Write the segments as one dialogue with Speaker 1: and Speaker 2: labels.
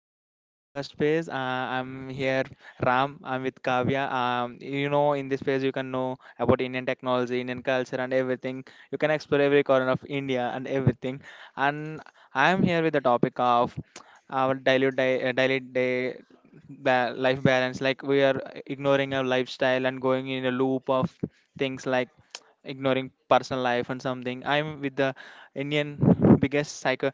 Speaker 1: Fan Broadcast Space. I'm here, Ram. I'm with Kavya. In this space, you can know about Indian technology, Indian culture, and everything. You can explore every corner of India and everything. And I'm here with the topic of our daily day life balance. Like we are ignoring our lifestyle and going in a loop of things like ignoring personal life and something. I'm with the Indian biggest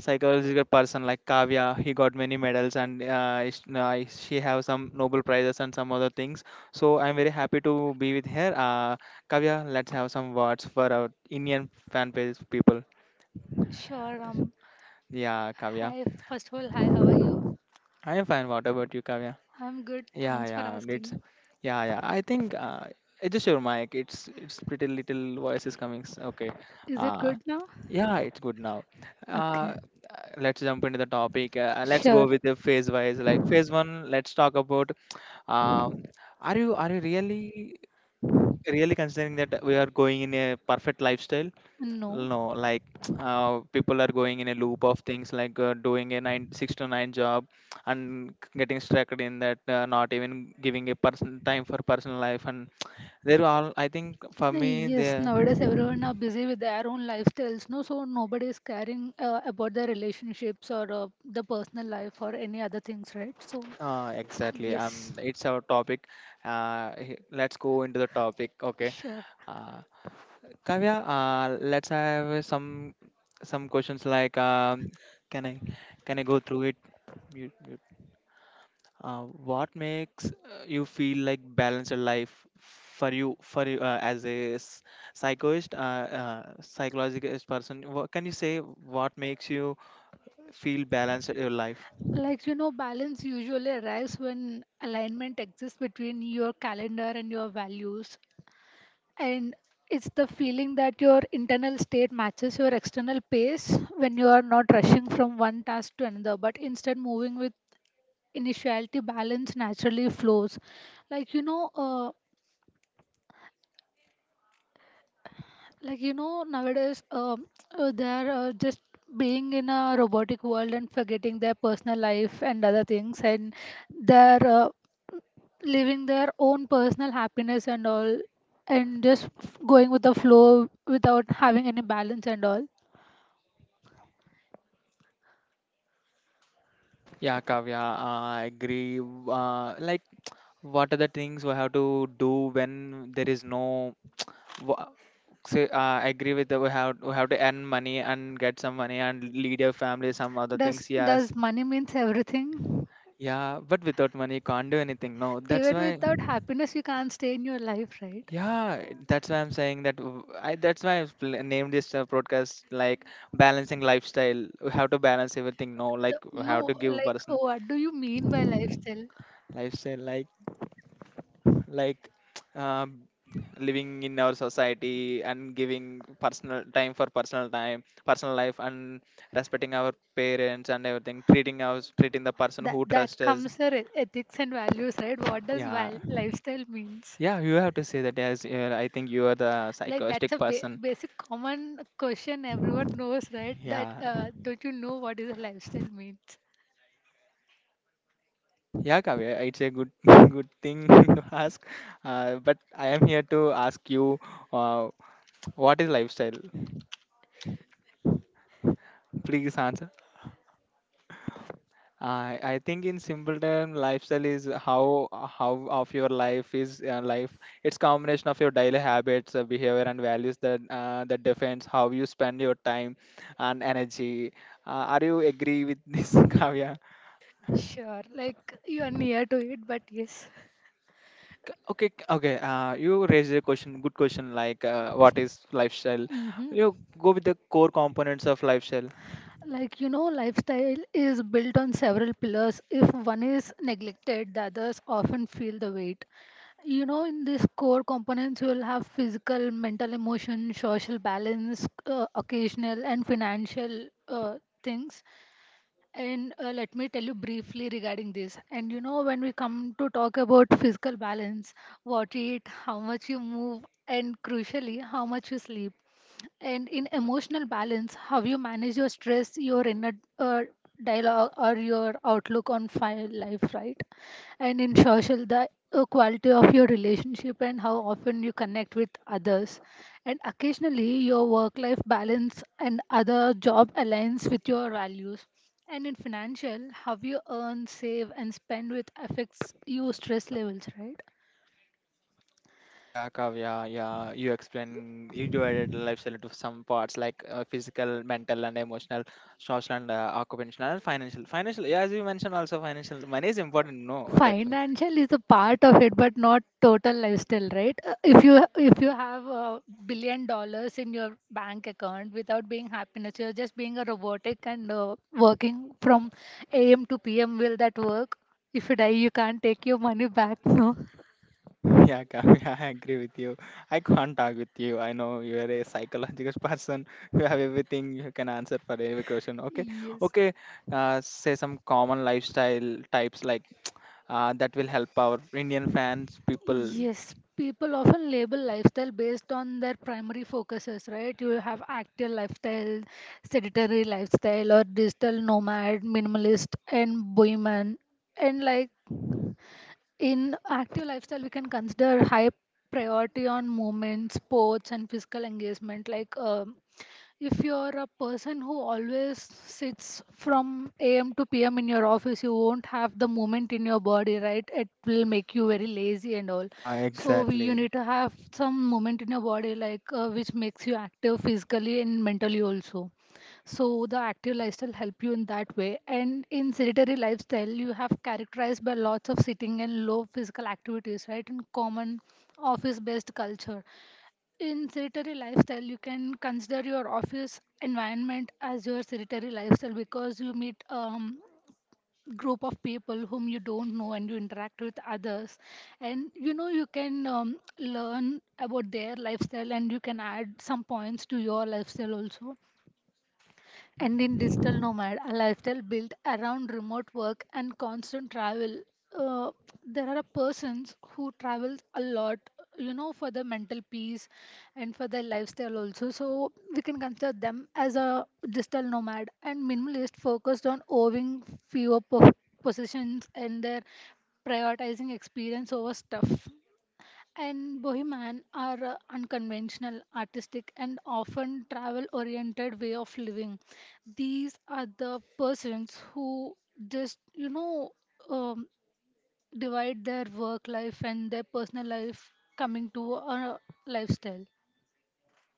Speaker 1: psychological person like Kavya. He got many medals and she have some Nobel prizes and some other things. So I'm very happy to be with her. Kavya, let's have some words for our Indian fan page people.
Speaker 2: Sure,
Speaker 1: Yeah, Kavya.
Speaker 2: hi, first of all, hi, how are you?
Speaker 1: I am fine. What about you, Kavya?
Speaker 2: I'm good,
Speaker 1: Yeah,
Speaker 2: thanks for
Speaker 1: yeah, it's
Speaker 2: asking.
Speaker 1: yeah. I think adjust your mic. It's pretty little voice is coming. Okay.
Speaker 2: Is it
Speaker 1: Uh,
Speaker 2: good now?
Speaker 1: yeah, it's good now.
Speaker 2: Okay,
Speaker 1: Uh, let's jump into the topic. Let's go
Speaker 2: sure.
Speaker 1: with the phase wise. Like phase one, let's talk about. Um, are you really? Really considering that we are going in a perfect lifestyle?
Speaker 2: No.
Speaker 1: No, like people are going in a loop of things like doing a 6 to 9 job and getting stuck in that, not even giving a person time for personal life. And they're all, I think for
Speaker 2: Uh,
Speaker 1: me
Speaker 2: yes,
Speaker 1: they,
Speaker 2: nowadays everyone are busy with their own lifestyles, no, so nobody is caring about their relationships or the personal life or any other things, right? So,
Speaker 1: exactly,
Speaker 2: yes.
Speaker 1: it's our topic. Let's go into the topic. Okay,
Speaker 2: Sure.
Speaker 1: uh, Kavya, let's have some questions like can I can I go through it? Mute, mute. Uh, what makes you feel like balanced life for you as a psychologist, psychologist person? What, can you say what makes you feel balanced in your life?
Speaker 2: Like, you know, balance usually arrives when alignment exists between your calendar and your values. And it's the feeling that your internal state matches your external pace when you are not rushing from one task to another, but instead moving with initiality balance naturally flows. Like you know uh, like you know nowadays, they are, just being in a robotic world and forgetting their personal life and other things, and their living their own personal happiness and all, and just going with the flow without having any balance and all.
Speaker 1: Yeah, Kavya, I agree. Like, what are the things we have to do when there is no— Wha- So, I agree with that. We have to earn money and get some money and lead your family some other
Speaker 2: does
Speaker 1: things. Yes,
Speaker 2: does money means everything?
Speaker 1: yeah, but without money you can't do anything. No, that's
Speaker 2: Even
Speaker 1: why.
Speaker 2: without happiness you can't stay in your life, right?
Speaker 1: Yeah, that's why I'm saying that. W- I That's why I've named this broadcast like balancing lifestyle. We have to balance everything. No, like we
Speaker 2: No,
Speaker 1: have to give
Speaker 2: like,
Speaker 1: person
Speaker 2: what do you mean by lifestyle?
Speaker 1: lifestyle like um, living in our society and giving personal time for personal life and respecting our parents and everything, treating us, treating the person
Speaker 2: that
Speaker 1: who
Speaker 2: that
Speaker 1: trusts us.
Speaker 2: comes your ethics and values, right? What does
Speaker 1: Yeah,
Speaker 2: lifestyle means?
Speaker 1: yeah, you have to say that. Yes, yeah, I think you are the
Speaker 2: Like, that's
Speaker 1: psychotic
Speaker 2: a
Speaker 1: person.
Speaker 2: basic common question everyone knows, right? That
Speaker 1: Yeah,
Speaker 2: Don't you know what is a lifestyle means?
Speaker 1: yeah, Kavya, it's a good good thing to ask. But I am here to ask you, uh, what is lifestyle? Please answer. I think in simple term, lifestyle is how of your life is life. It's combination of your daily habits, behavior, and values that that defines how you spend your time and energy. Are you agree with this, Kavya?
Speaker 2: Sure, like you are near to it, but yes.
Speaker 1: Okay, okay. You raised a question. Good question. Like, what is lifestyle?
Speaker 2: Hmm.
Speaker 1: You go with the core components of lifestyle.
Speaker 2: Like you know, lifestyle is built on several pillars. If one is neglected, the others often feel the weight. You know, in these core components, you will have physical, mental, emotion, social balance, occasional, and financial things. And let me tell you briefly regarding this. And you know, when we come to talk about physical balance, what you eat, how much you move, and crucially, how much you sleep, and in emotional balance, how you manage your stress, your inner uh, dialogue, or your outlook on life, right? And in social, the quality of your relationship and how often you connect with others. And occasionally, your work life balance and other job aligns with your values. And in financial, how you earn, save, and spend with affects your stress levels, right?
Speaker 1: Yeah, Kavya, yeah, you explain, you divided lifestyle into some parts like physical, mental, and emotional, social, and occupational, and financial. Financial, yeah, as you mentioned, also financial money is important. No, that—
Speaker 2: Financial is a part of it but not total lifestyle, right? If you have $1 billion in your bank account without being happiness, you're just being a robotic and working from am to pm. Will that work? If you die you can't take your money back, no?
Speaker 1: yeah, Kavya, I agree with you. I can't argue with you. I know you are a psychological person. You have everything. You can answer for every question. Okay,
Speaker 2: Yes.
Speaker 1: okay. Say some common lifestyle types like that will help our Indian fans people.
Speaker 2: Yes, people often label lifestyle based on their primary focuses, right? You have active lifestyle, sedentary lifestyle, or digital nomad, minimalist, and bohemian. And like, in active lifestyle, we can consider high priority on movement, sports, and physical engagement. Like, if you're a person who always sits from AM to PM in your office, you won't have the movement in your body, right? It will make you very lazy and all.
Speaker 1: Yeah,
Speaker 2: So, you
Speaker 1: exactly.
Speaker 2: need to have some movement in your body, like, which makes you active physically and mentally also. So the active lifestyle help you in that way. And in sedentary lifestyle, you have characterized by lots of sitting and low physical activities, right? In common office-based culture. In sedentary lifestyle, you can consider your office environment as your sedentary lifestyle because you meet group of people whom you don't know and you interact with others, and you know you can learn about their lifestyle and you can add some points to your lifestyle also. And in digital nomad, a lifestyle built around remote work and constant travel. Uh, there are persons who travel a lot, you know, for their mental peace and for their lifestyle also. So we can consider them as a digital nomad. And minimalist focused on owning fewer possessions, and their prioritizing experience over stuff. And bohemian are unconventional, artistic, and often travel oriented way of living. These are the persons who just, um, divide their work life and their personal life coming to a lifestyle.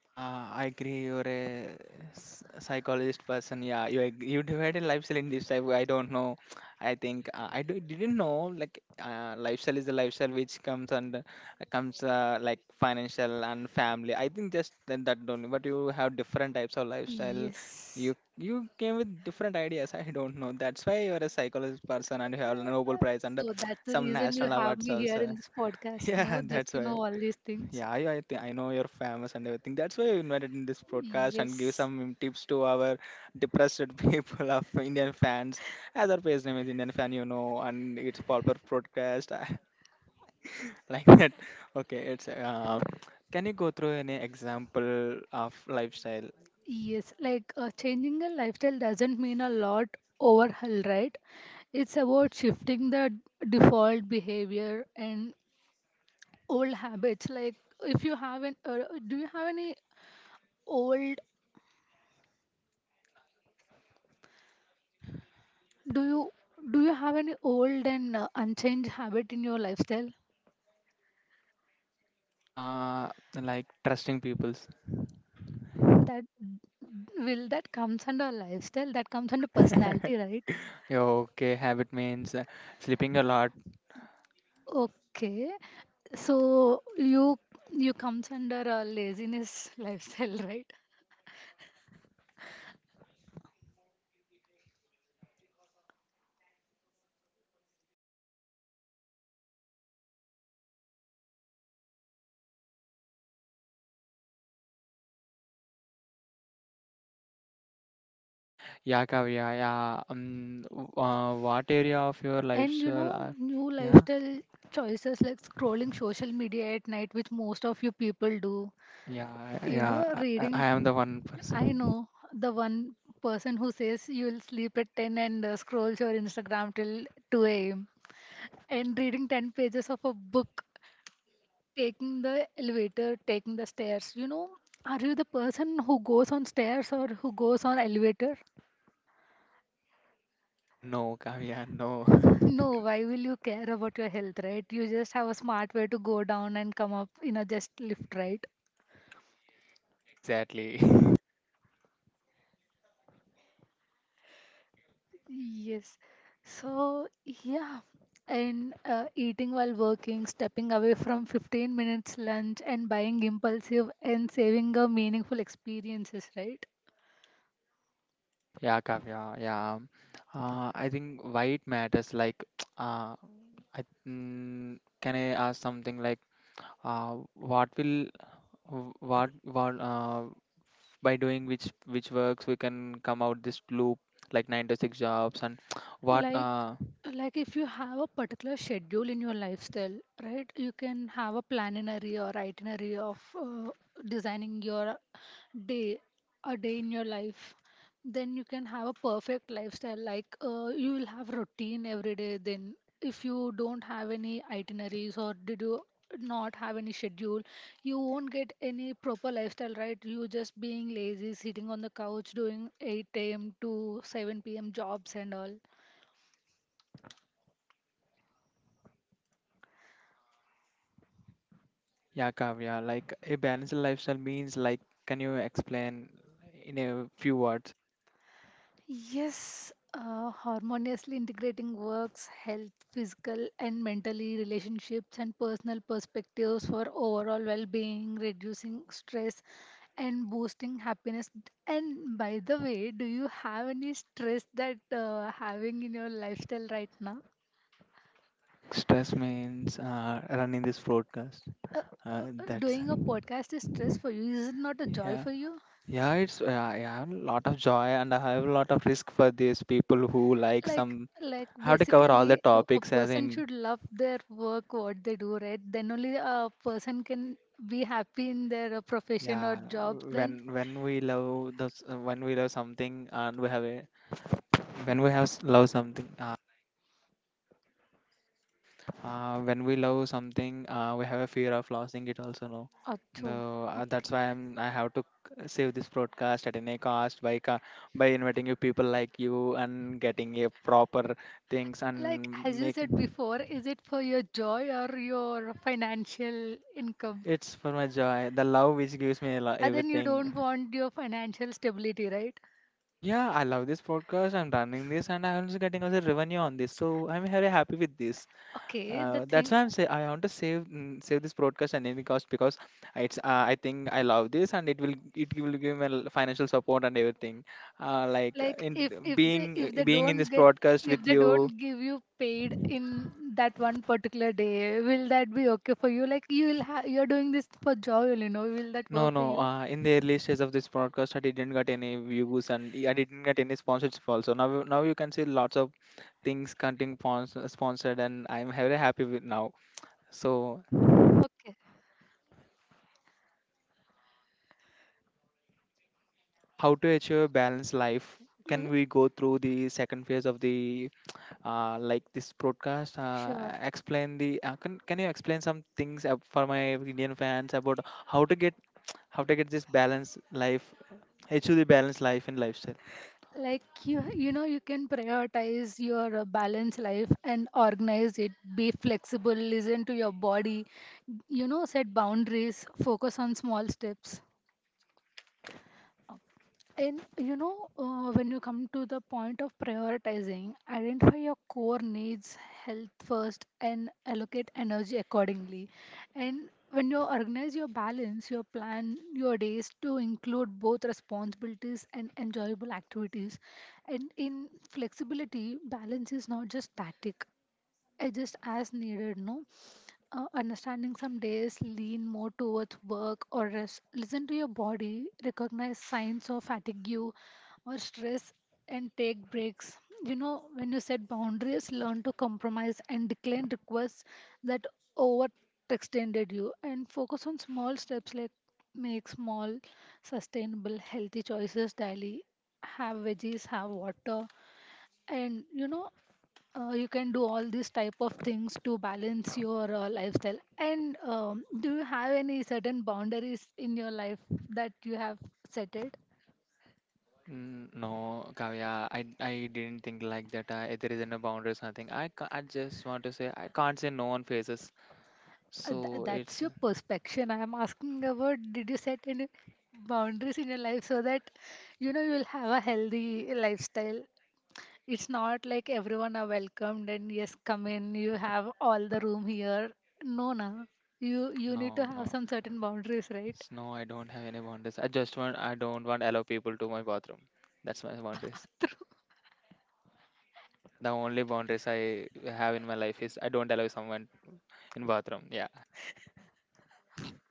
Speaker 1: Yeah, I agree. You're a psychologist person. Yeah, you divided lifestyle in this type. I don't know. I think didn't know like lifestyle is a lifestyle which comes under comes like financial and family. I think just that, that only. But you have different types of lifestyle.
Speaker 2: Yes.
Speaker 1: You came with different ideas. I don't know. That's why you're a psychologist person and you have a Nobel Prize and
Speaker 2: So that's the
Speaker 1: some
Speaker 2: reason you
Speaker 1: national
Speaker 2: have
Speaker 1: awards
Speaker 2: me here
Speaker 1: also.
Speaker 2: in this podcast,
Speaker 1: Yeah,
Speaker 2: no? Just
Speaker 1: that's
Speaker 2: to
Speaker 1: why.
Speaker 2: know all these things.
Speaker 1: Yeah, think I know you're famous and everything. That's why you invited in this broadcast and give
Speaker 2: Yes.
Speaker 1: some tips to our depressed people of Indian fans. As our page name is Indian fan, you know, and it's popular broadcast like that. Okay, it's can you go through any example of lifestyle?
Speaker 2: Yes. Like, changing a lifestyle doesn't mean a lot overhaul, right? It's about shifting the default behavior and old habits. Like, if you have an, do you have any old, do you have any old and unchanged habit in your lifestyle?
Speaker 1: uh, like trusting people's?
Speaker 2: that that comes under lifestyle? That comes under personality, right?
Speaker 1: Yeah, okay, habit means sleeping a lot.
Speaker 2: Okay, so you comes under a laziness lifestyle, right?
Speaker 1: Yeah, Kavya, yeah. What area of your
Speaker 2: And you know
Speaker 1: lifestyle?
Speaker 2: new
Speaker 1: Yeah.
Speaker 2: lifestyle choices like scrolling social media at night, which most of you people do.
Speaker 1: Yeah,
Speaker 2: You know,
Speaker 1: yeah, I
Speaker 2: reading.
Speaker 1: am the one
Speaker 2: I
Speaker 1: person.
Speaker 2: know the one person who says you'll sleep at 10 and scroll your Instagram till 2 a.m. and reading 10 pages of a book. Taking the elevator, taking the stairs. You know, are you the person who goes on stairs or who goes on elevator?
Speaker 1: No, Kavya, no.
Speaker 2: No, why will you care about your health, right? You just have a smart way to go down and come up in a just lift, right?
Speaker 1: Exactly.
Speaker 2: Yes. So, yeah. And eating while working, stepping away from 15 minutes lunch, and buying impulsive and saving a meaningful experiences, right?
Speaker 1: Yeah, Kavya, yeah. I think why it matters, like, uh, I, can I ask something like, what will, w- what, by doing which works we can come out this loop, like nine to six jobs, and what,
Speaker 2: like
Speaker 1: uh,
Speaker 2: like, if you have a particular schedule in your lifestyle, right, you can have a planary or itinerary of designing your day, a day in your life. Then you can have a perfect lifestyle. Like, you will have routine every day. Then if you don't have any itineraries, or did you not have any schedule, you won't get any proper lifestyle, right? You just being lazy sitting on the couch doing 8 a.m. to 7 p.m. jobs and all.
Speaker 1: yeah, Kavya, like a balanced lifestyle means, like, can you explain in a few words?
Speaker 2: Yes, harmoniously integrating works, health, physical and mentally relationships and personal perspectives for overall well-being, reducing stress and boosting happiness. And by the way, do you have any stress that having in your lifestyle right now?
Speaker 1: Like stress means running this broadcast.
Speaker 2: Uh,
Speaker 1: That's—
Speaker 2: Doing a podcast is stress for you. Is it not a joy
Speaker 1: yeah,
Speaker 2: for you?
Speaker 1: yeah. It's I have a lot of joy and I have a lot of risk for these people who like
Speaker 2: like
Speaker 1: some.
Speaker 2: like,
Speaker 1: I have to cover all the
Speaker 2: basically, a
Speaker 1: topics as
Speaker 2: person
Speaker 1: in—
Speaker 2: should love their work what they do, right? Then only a person can be happy in their profession or
Speaker 1: yeah.
Speaker 2: job. Then
Speaker 1: When we love those, when we love something and we have a when we have s- love something. When we love something, we have a fear of losing it also, no?
Speaker 2: achoo.
Speaker 1: No,
Speaker 2: Okay.
Speaker 1: that's why I have to save this broadcast at any cost by by inviting you people like you and getting a proper things
Speaker 2: Like,
Speaker 1: and
Speaker 2: as you
Speaker 1: make—
Speaker 2: said before, is it for your joy or your financial income?
Speaker 1: it's for my joy, the love which gives me a
Speaker 2: And then you don't
Speaker 1: everything.
Speaker 2: want your financial stability, right?
Speaker 1: Yeah, I love this podcast. I'm running this, and I'm also getting also revenue on this, so I'm very happy with this.
Speaker 2: Okay, the
Speaker 1: That's
Speaker 2: thing.
Speaker 1: why I want to save, save this broadcast at any cost because it's I think I love this and it will give me financial support and everything. Like
Speaker 2: Like,
Speaker 1: in being being in this broadcast
Speaker 2: if
Speaker 1: with
Speaker 2: they
Speaker 1: you.
Speaker 2: don't give you paid in that one particular day, will that be okay for you? Like, you will you're doing this for joy, will that
Speaker 1: No,
Speaker 2: work for
Speaker 1: no.
Speaker 2: you?
Speaker 1: In the early stage of this broadcast, I didn't get any views and I didn't get any sponsorship also. Now, now you can see lots of things getting sponsored, and I'm very happy with now. So,
Speaker 2: Okay.
Speaker 1: how to achieve a balanced life?
Speaker 2: Mm,
Speaker 1: Can we go through the second phase of the like this broadcast,
Speaker 2: sure.
Speaker 1: explain the can you explain some things for my indian fans about how to get how to get this balanced life, achieve the balanced life and lifestyle?
Speaker 2: Like, you know, you can prioritize your balanced life and organize it, be flexible, listen to your body, you know, set boundaries, focus on small steps. And you know, when you come to the point of prioritizing, identify your core needs, health first, and allocate energy accordingly. And when you organize your balance, your plan your days to include both responsibilities and enjoyable activities. And in flexibility, balance is not just static, adjust as needed, no? Understanding some days lean more towards work or rest. Listen to your body, recognize signs of fatigue or stress, and take breaks. You know, when you set boundaries, learn to compromise and decline requests that overextended you, and focus on small steps like make small, sustainable, healthy choices daily. Have veggies, have water, and you know, you can do all these type of things to balance your lifestyle. And do you have any certain boundaries in your life that you have set it?
Speaker 1: Mm, no, Kavya, I didn't think like that. I, there is no boundaries, nothing. I just want to say I can't say no on faces.
Speaker 2: uh, th-
Speaker 1: So
Speaker 2: that's
Speaker 1: it's
Speaker 2: your perspection. I am asking about, did you set any boundaries in your life so that you know you'll have a healthy lifestyle? It's not like everyone are welcomed and yes, come in, you have all the room here, no na. You need
Speaker 1: no,
Speaker 2: to have
Speaker 1: no,
Speaker 2: some certain boundaries, right?
Speaker 1: it's no. I don't have any boundaries. I don't want allow people to my bathroom. That's my boundaries. Yeah, the only boundaries I have in my life is I don't allow someone in bathroom. Yeah.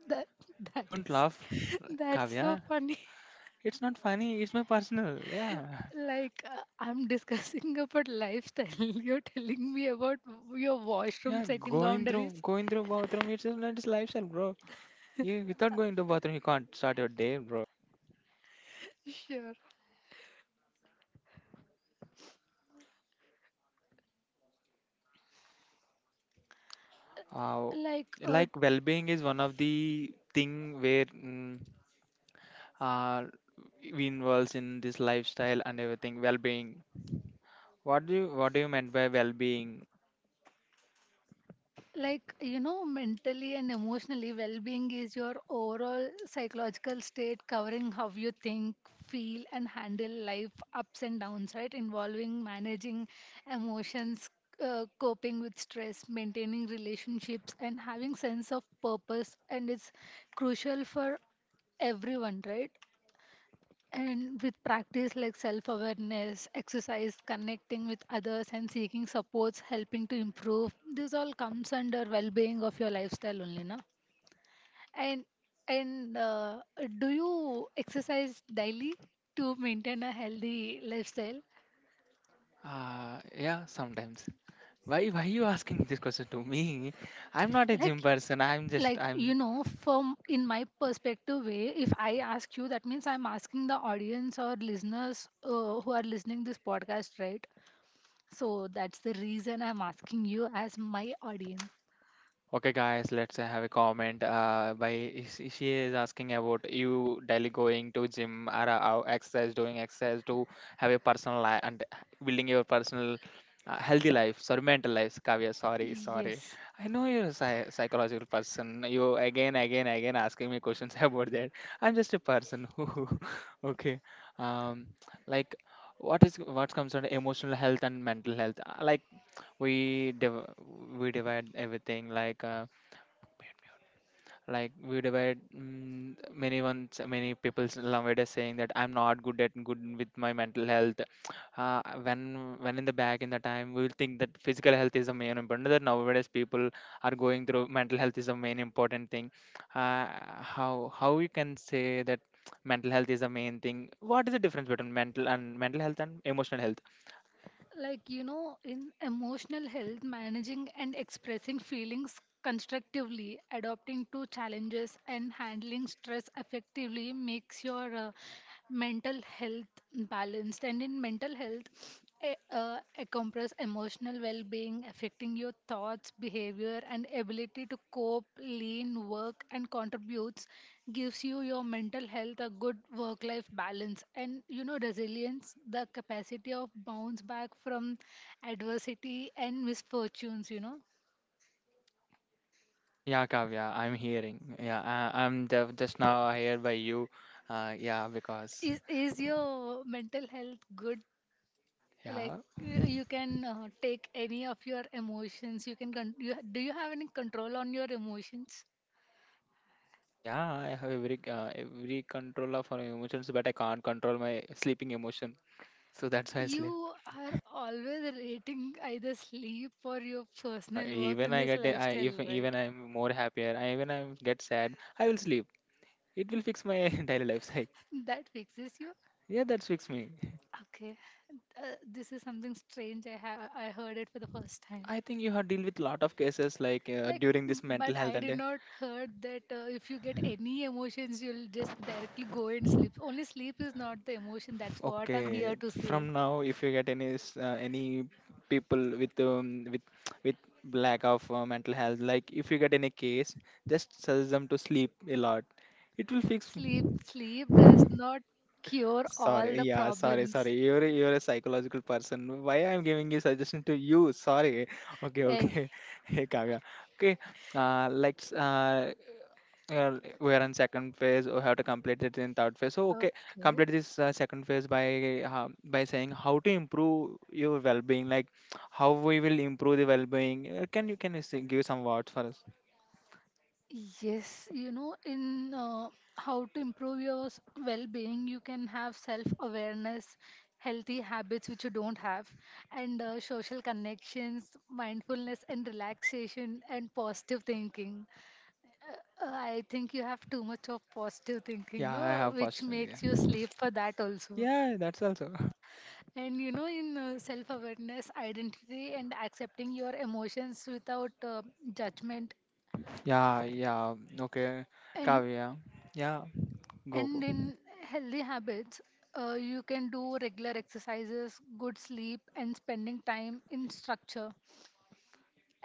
Speaker 2: that That
Speaker 1: Don't
Speaker 2: is.
Speaker 1: laugh,
Speaker 2: That's so
Speaker 1: Kavya.
Speaker 2: funny.
Speaker 1: It's not funny. It's my personal. Yeah.
Speaker 2: Like, I'm discussing about lifestyle. You're telling me about your washroom
Speaker 1: Yeah.
Speaker 2: setting
Speaker 1: Going through
Speaker 2: boundaries.
Speaker 1: going through bathroom. It's just not his lifestyle, bro. You without going to bathroom, you can't start your day, bro.
Speaker 2: Sure.
Speaker 1: Uh,
Speaker 2: Like, uh,
Speaker 1: like well-being is one of the thing where uh, we involves in this lifestyle and everything. Well-being. What do you mean by well-being?
Speaker 2: like, you know, mentally and emotionally well-being is your overall psychological state covering how you think, feel, and handle life ups and downs, right? Involving managing emotions, coping with stress, maintaining relationships, and having sense of purpose. And it's crucial for everyone, right? And with practice like self awareness, exercise, connecting with others, and seeking supports, helping to improve, this all comes under well being of your lifestyle only, na? And and do you exercise daily to maintain a healthy lifestyle?
Speaker 1: Yeah. Sometimes. Why you asking this question to me? I'm not a
Speaker 2: Like
Speaker 1: gym person. I'm just
Speaker 2: like, you
Speaker 1: I'm
Speaker 2: know, from in my perspective way, if I ask you that means I'm asking the audience or listeners, who are listening this podcast, right? So that's the reason I'm asking you as my audience.
Speaker 1: Okay, guys, let's have a comment. By is she is asking about you daily going to gym or exercise, doing exercise to have a personal life and building your personal healthy life. Sorry, mental life. Kavya, sorry, sorry.
Speaker 2: Yes.
Speaker 1: I know you're a psychological person. You again, again, again asking me questions about that. I'm just a person who, okay, um, like what is— what comes under emotional health and mental health? Like we div- we divide everything like. Like we divide many people nowadays saying that I'm not good with my mental health. uh, when when in the back in the time we will think that physical health is the main important, that nowadays people are going through mental health is the main important thing. Uh, how how we can say that mental health is the main thing? What is the difference between mental health and emotional health?
Speaker 2: Like, you know, in emotional health, managing and expressing feelings constructively, adapting to challenges, and handling stress effectively makes your mental health balanced. And in mental health, encompass emotional well-being affecting your thoughts, behavior, and ability to cope, lean work, and contributes, gives you your mental health a good work-life balance. And you know, resilience, the capacity of bounce back from adversity and misfortunes, you know.
Speaker 1: Yeah, Kavya, I'm hearing. Yeah, just now here by you. uh, yeah because
Speaker 2: Is your mental health good? Like,
Speaker 1: yeah.
Speaker 2: you can take any of your emotions. You can you, do you have any control on your emotions?
Speaker 1: Yeah, I have every control of our emotions, but I can't control my sleeping emotion. So that's why I sleep.
Speaker 2: You are always rating either sleep or your personal work
Speaker 1: Even
Speaker 2: in
Speaker 1: I
Speaker 2: this
Speaker 1: get I if
Speaker 2: lifestyle,
Speaker 1: even
Speaker 2: right?
Speaker 1: I'm more happier, I get sad, I will sleep. It will fix my daily life cycle.
Speaker 2: That fixes you.
Speaker 1: Yeah, that fix me.
Speaker 2: Okay. This is something strange. I heard it for the first
Speaker 1: I
Speaker 2: time.
Speaker 1: think you have deal with lot of cases like
Speaker 2: Like,
Speaker 1: during this mental
Speaker 2: but
Speaker 1: health
Speaker 2: I
Speaker 1: and
Speaker 2: did not heard that if you get any emotions, you'll just directly go and sleep. Only sleep is not the emotion, that's what I'm
Speaker 1: Okay,
Speaker 2: here to say.
Speaker 1: from now, if you get any any people with lack of mental health, like if you get any case, just suggest them to sleep a lot. It will fix.
Speaker 2: Sleep sleep does not cure
Speaker 1: Sorry,
Speaker 2: all the
Speaker 1: yeah, sorry, sorry.
Speaker 2: problems.
Speaker 1: You're a psychological person. Why I'm giving you suggestion to you? Sorry. Okay,
Speaker 2: Hey,
Speaker 1: okay. Hey, Kavya. Okay. Let's we're in second phase or have to complete it in third phase so okay. Complete this second phase by saying how to improve your well-being, like how we will improve the well-being. Can you say, give some words for us?
Speaker 2: yes, you know, in how to improve your well-being, you can have self-awareness, healthy habits which you don't have, and social connections, mindfulness and relaxation, and positive thinking. I think you have too much of positive thinking,
Speaker 1: Yeah, I
Speaker 2: no,
Speaker 1: have
Speaker 2: which
Speaker 1: first thing,
Speaker 2: makes you
Speaker 1: yeah.
Speaker 2: sleep for that also.
Speaker 1: Yeah, that's also.
Speaker 2: And you know, in self awareness, identity, and accepting your emotions without judgment,
Speaker 1: Yeah, yeah. Okay,
Speaker 2: and
Speaker 1: Kavya. Yeah, go.
Speaker 2: in healthy habits, you can do regular exercises, good sleep, and spending time in structure.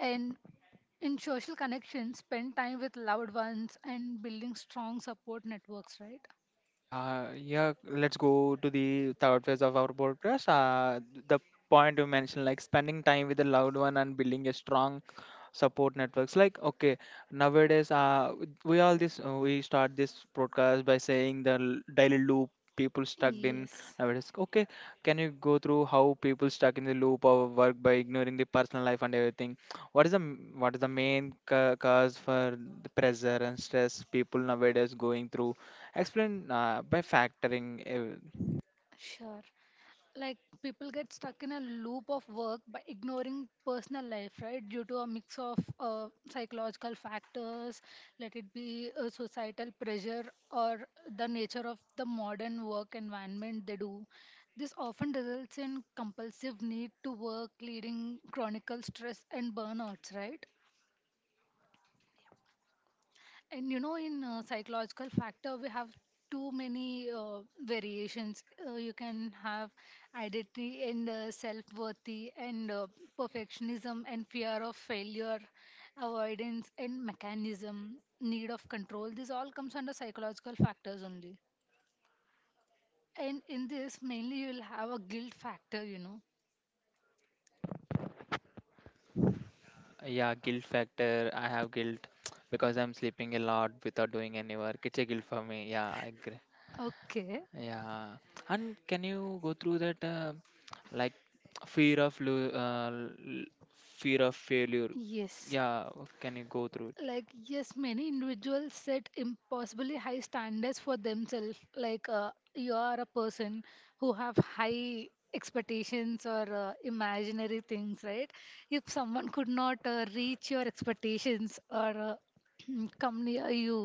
Speaker 2: And in social connections, spend time with loved ones and building strong support networks, right?
Speaker 1: Yeah, yeah, let's go to the third phase of our podcast. The point you mentioned, like spending time with a loved one and building a strong support networks, like okay. Nowadays, we start this broadcast by saying the daily loop people stuck in
Speaker 2: Yes,
Speaker 1: nowadays, okay. Can you go through how people stuck in the loop of work by ignoring the personal life and everything? What is the main cause for the pressure and stress people nowadays going through? Explain by factoring
Speaker 2: sure. Like, people get stuck in a loop of work by ignoring personal life, right? Due to a mix of psychological factors, let it be societal pressure, or the nature of the modern work environment they do. This often results in compulsive need to work, leading chronic stress and burnouts, right? And you know, in psychological factor, we have too many variations. You can have identity and self-worthy and perfectionism and fear of failure, avoidance and mechanism, need of control. This all comes under psychological factors only. And in this, mainly you'll have a guilt factor, you know.
Speaker 1: Yeah, guilt factor. I have guilt because I'm sleeping a lot without doing any work. It's a guilt for me, yeah, I agree.
Speaker 2: Okay.
Speaker 1: Yeah, and can you go through that like fear of lo- uh, l- fear of failure?
Speaker 2: Yes.
Speaker 1: Yeah, can you go through?
Speaker 2: Like, yes, many individuals set impossibly high standards for themselves. Like, you are a person who have high expectations or imaginary things, right? If someone could not reach your expectations or come near you,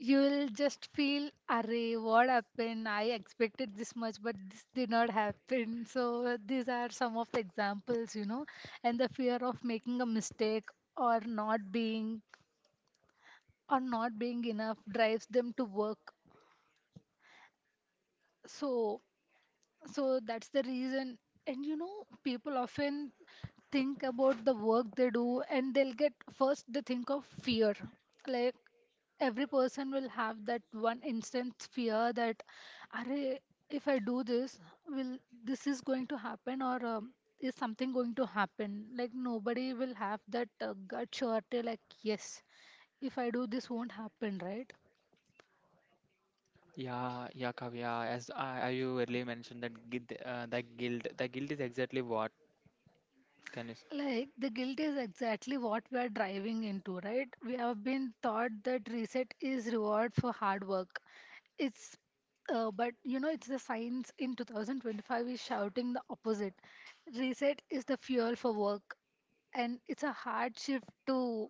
Speaker 2: you will just feel, array, what happened? I expected this much, but this did not happen. So these are some of the examples, you know. And the fear of making a mistake, or not being or not being enough drives them to work. So so that's the reason. And you know, people often think about the work they do, and they'll get, first they think of fear. Like, every person will have that one instant fear that, "Arey, if I do this, will this is going to happen, or is something going to happen?" Like, nobody will have that gut surety, like, yes, if I do this, won't happen, right?
Speaker 1: Yeah, yeah, Kavya. As I you earlier mentioned that guilt, that guilt is exactly what. Can you?
Speaker 2: Like the guilt is exactly what we are driving into, right? We have been taught that reset is reward for hard work. It's, but you know, it's the science in 2025 is shouting the opposite. Reset is the fuel for work, and it's a hard shift to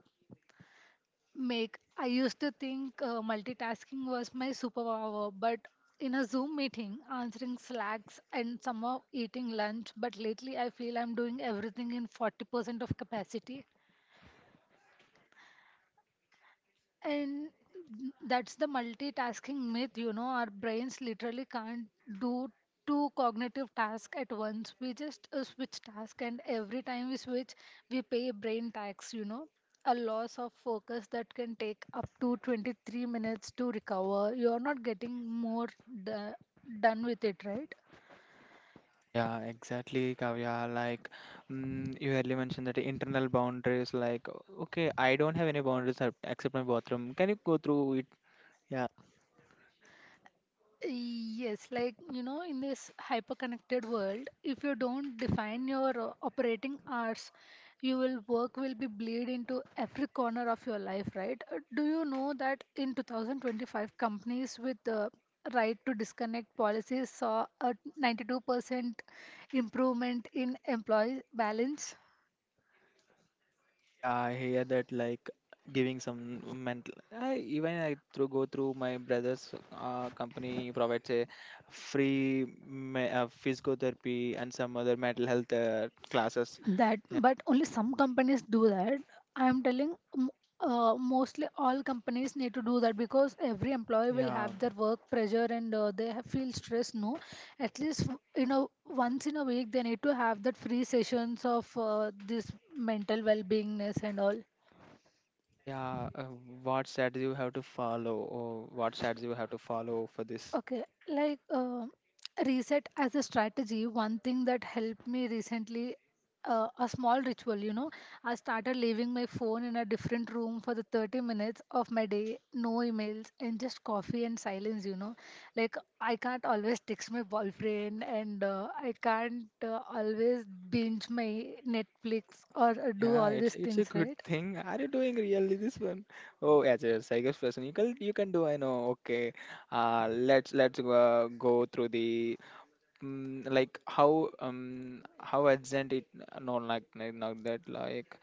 Speaker 2: make. I used to think multitasking was my superpower, but in a Zoom meeting, answering slacks and somehow eating lunch. But lately, I feel I'm doing everything in 40% of capacity. And that's the multitasking myth, you know. Our brains literally can't do two cognitive tasks at once. We just switch task, and every time we switch, we pay brain tax, you know. A loss of focus that can take up to 23 minutes to recover. You're not getting more d- done with it, right?
Speaker 1: Yeah, exactly, Kavya. Like, you earlier mentioned that internal boundaries. Like, okay, I don't have any boundaries except my bathroom. Can you go through it? Yeah.
Speaker 2: Yes, like you know, in this hyper-connected world, if you don't define your operating hours, you will work will be bleed into every corner of your life, right? Do you know that in 2025, companies with the right to disconnect policies saw a 92% improvement in employee balance?
Speaker 1: Yeah, I hear that, like giving some mental. I even I through go through my brother's company provides a free physiotherapy and some other mental health classes.
Speaker 2: That,
Speaker 1: Yeah,
Speaker 2: but only some companies do that. I am telling, mostly all companies need to do that, because every employee will
Speaker 1: yeah,
Speaker 2: have their work pressure and they have, feel stress, no? At least, you know, once in a week, they need to have that free sessions of this mental well-beingness and all.
Speaker 1: yeah. What strategy you have to follow, or what strategy you have to follow for this?
Speaker 2: Okay, like, um, reset as a strategy, one thing that helped me recently, a small ritual, you know, I started leaving my phone in a different room for the 30 minutes of my day, no emails, and just coffee and silence, you know. Like, I can't always text my boyfriend, and I can't always binge my Netflix, or do
Speaker 1: Yeah,
Speaker 2: all
Speaker 1: it's
Speaker 2: these
Speaker 1: it's a
Speaker 2: things,
Speaker 1: good
Speaker 2: right?
Speaker 1: thing. Are you doing really this one? Oh, as a psychic person, you can do. I know. Okay. Let's go through the how urgent it. No, like not that,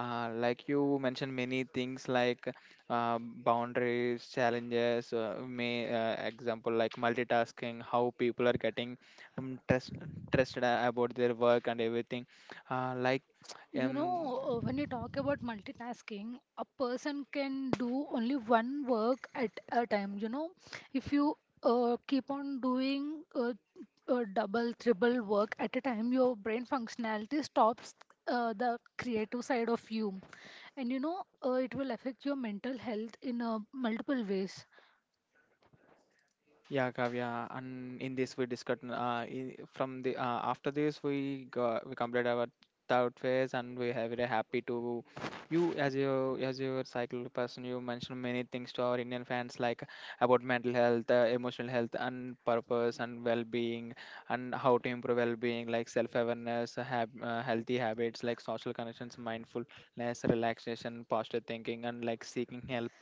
Speaker 1: like you mentioned many things, like boundaries challenges, may example like multitasking, how people are getting um, stress stressed about their work and everything. Uh, like
Speaker 2: You
Speaker 1: um
Speaker 2: know, when you talk about multitasking, a person can do only one work at a time. You know, if you keep on doing double, triple work at a time, your brain functionality stops the creative side of you. And you know, it will affect your mental health in multiple ways.
Speaker 1: Yeah, Kavya, and in this we discussed in, from the after this we got, we completed our third phase and we are very happy to you. As your cycle person, you mentioned many things to our Indian fans, like about mental health, emotional health, and purpose and well-being, and how to improve well-being, like self-awareness, have healthy habits like social connections, mindfulness, relaxation, positive thinking, and like seeking help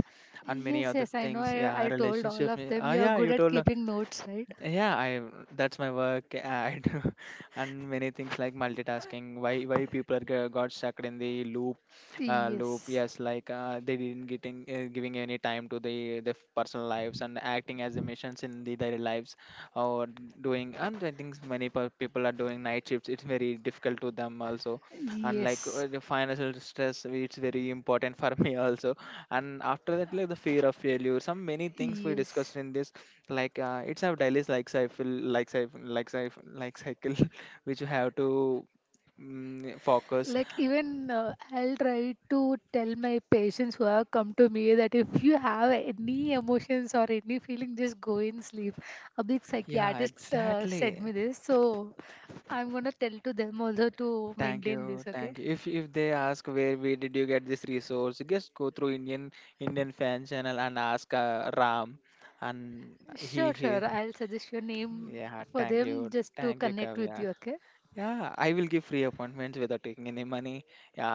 Speaker 1: and many
Speaker 2: Yes,
Speaker 1: other
Speaker 2: yes, I know.
Speaker 1: things. Yeah,
Speaker 2: I told all
Speaker 1: relationship.
Speaker 2: of them, you are
Speaker 1: Yeah,
Speaker 2: good
Speaker 1: you
Speaker 2: at
Speaker 1: told.
Speaker 2: keeping notes, right?
Speaker 1: Yeah, I, that's my work. And And many things like multitasking. Why people are got stuck in the loop, loop?
Speaker 2: Yes.
Speaker 1: Yes, like they didn't getting giving any time to the personal lives and acting as a missions in the daily lives, or doing. And I think many people are doing night shifts. It's very difficult to them also, and like
Speaker 2: Yes.
Speaker 1: the financial stress, it's very important for me also. And after that, like the fear of failure, some many things we
Speaker 2: Yes.
Speaker 1: discussed in this, like it's a daily like cycle, like cycle, like cycle, like cycle, which you have to focus.
Speaker 2: Like, even I'll try to tell my patients who have come to me that if you have any emotions or any feeling, just go and sleep. A big
Speaker 1: Yeah,
Speaker 2: psychiatrist
Speaker 1: exactly.
Speaker 2: said me this, so I'm gonna tell to them also to
Speaker 1: Thank
Speaker 2: maintain
Speaker 1: you,
Speaker 2: this. Okay.
Speaker 1: thank you. If they ask where did you get this resource, just go through Indian fan channel and ask Ram. And he
Speaker 2: Sure
Speaker 1: he.
Speaker 2: sure, I'll suggest your name
Speaker 1: Yeah,
Speaker 2: for
Speaker 1: thank you,
Speaker 2: them just to
Speaker 1: thank you,
Speaker 2: connect with
Speaker 1: Kavya.
Speaker 2: you. Okay.
Speaker 1: Yeah, I will give free appointments without taking any money. Yeah.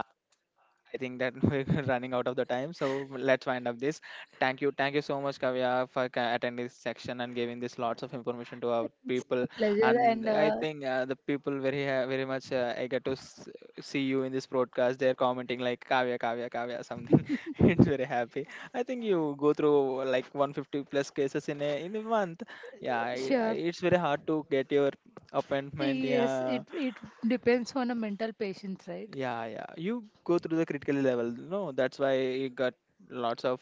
Speaker 1: I think that we're running out of the time, so let's wind up this. Thank you so much, Kavya, for attending this section and giving this lots of information to our people.
Speaker 2: A pleasure,
Speaker 1: And
Speaker 2: and
Speaker 1: I think the people very very much I get to see you in this broadcast. They're commenting like Kavya, Kavya, Kavya, something. It's very happy. I think you go through like 150 plus cases in a month.
Speaker 2: sure.
Speaker 1: It's very hard to get your appointment.
Speaker 2: Yes, it
Speaker 1: Yeah,
Speaker 2: it depends on a mental patient, right?
Speaker 1: yeah, yeah. You go through the critical level. No, that's why you got lots of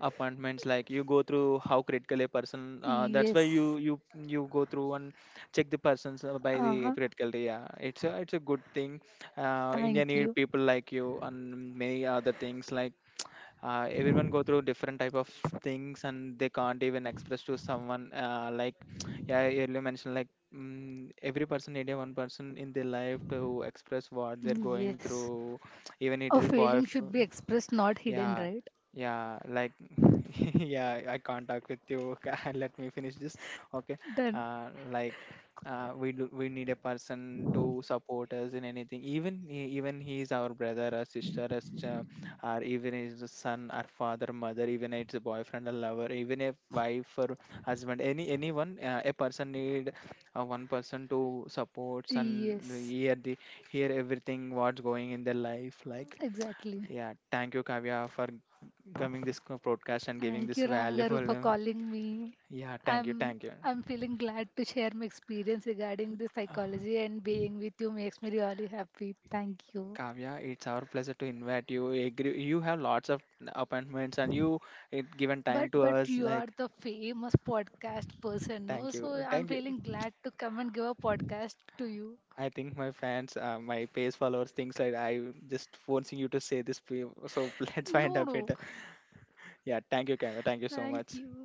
Speaker 1: appointments. Like you go through how critical a person. That's why
Speaker 2: Yes.
Speaker 1: you go through and check the persons by the
Speaker 2: Uh-huh.
Speaker 1: critical. Yeah, it's a good thing. India
Speaker 2: Thank
Speaker 1: need
Speaker 2: you.
Speaker 1: people like you and many other things, like everyone go through different type of things and they can't even express to someone like yeah I earlier mentioned like every person need a one person in their life to express what they're going
Speaker 2: Yes.
Speaker 1: through. Even
Speaker 2: A
Speaker 1: it is a
Speaker 2: feeling should be expressed, not hidden,
Speaker 1: yeah,
Speaker 2: right?
Speaker 1: yeah, like yeah, I can't talk with you. Let me finish this. Okay.
Speaker 2: Then,
Speaker 1: uh like we do, we need a person to support us in anything, even he is our brother or sister, as or even if it's a son or father, mother, even if it's a boyfriend or lover, even a wife or husband, anyone, a person need one person to supports and
Speaker 2: yes,
Speaker 1: hear the hear everything what's going in their life, like.
Speaker 2: exactly.
Speaker 1: Yeah, thank you, Kavya, for coming this broadcast and giving
Speaker 2: Thank you,
Speaker 1: this
Speaker 2: Ram Garu, for
Speaker 1: valuable
Speaker 2: calling me.
Speaker 1: yeah, thank you,
Speaker 2: I'm
Speaker 1: thank you.
Speaker 2: I'm feeling glad to share my experience regarding the psychology, and being with you makes me really happy. Thank you.
Speaker 1: Kavya, it's our pleasure to invite you. Agree- You have lots of appointments and you it given time to
Speaker 2: But
Speaker 1: us.
Speaker 2: you are
Speaker 1: Like,
Speaker 2: the famous podcast person, no?
Speaker 1: thank
Speaker 2: So
Speaker 1: you,
Speaker 2: I'm
Speaker 1: thank you.
Speaker 2: feeling glad to come and give a podcast to you.
Speaker 1: I think my fans, my page followers, thinks like I just forcing you to say this. So let's find
Speaker 2: No,
Speaker 1: a
Speaker 2: no.
Speaker 1: better. Yeah, thank you, Kavya. Thank you so
Speaker 2: Thank
Speaker 1: much.
Speaker 2: you.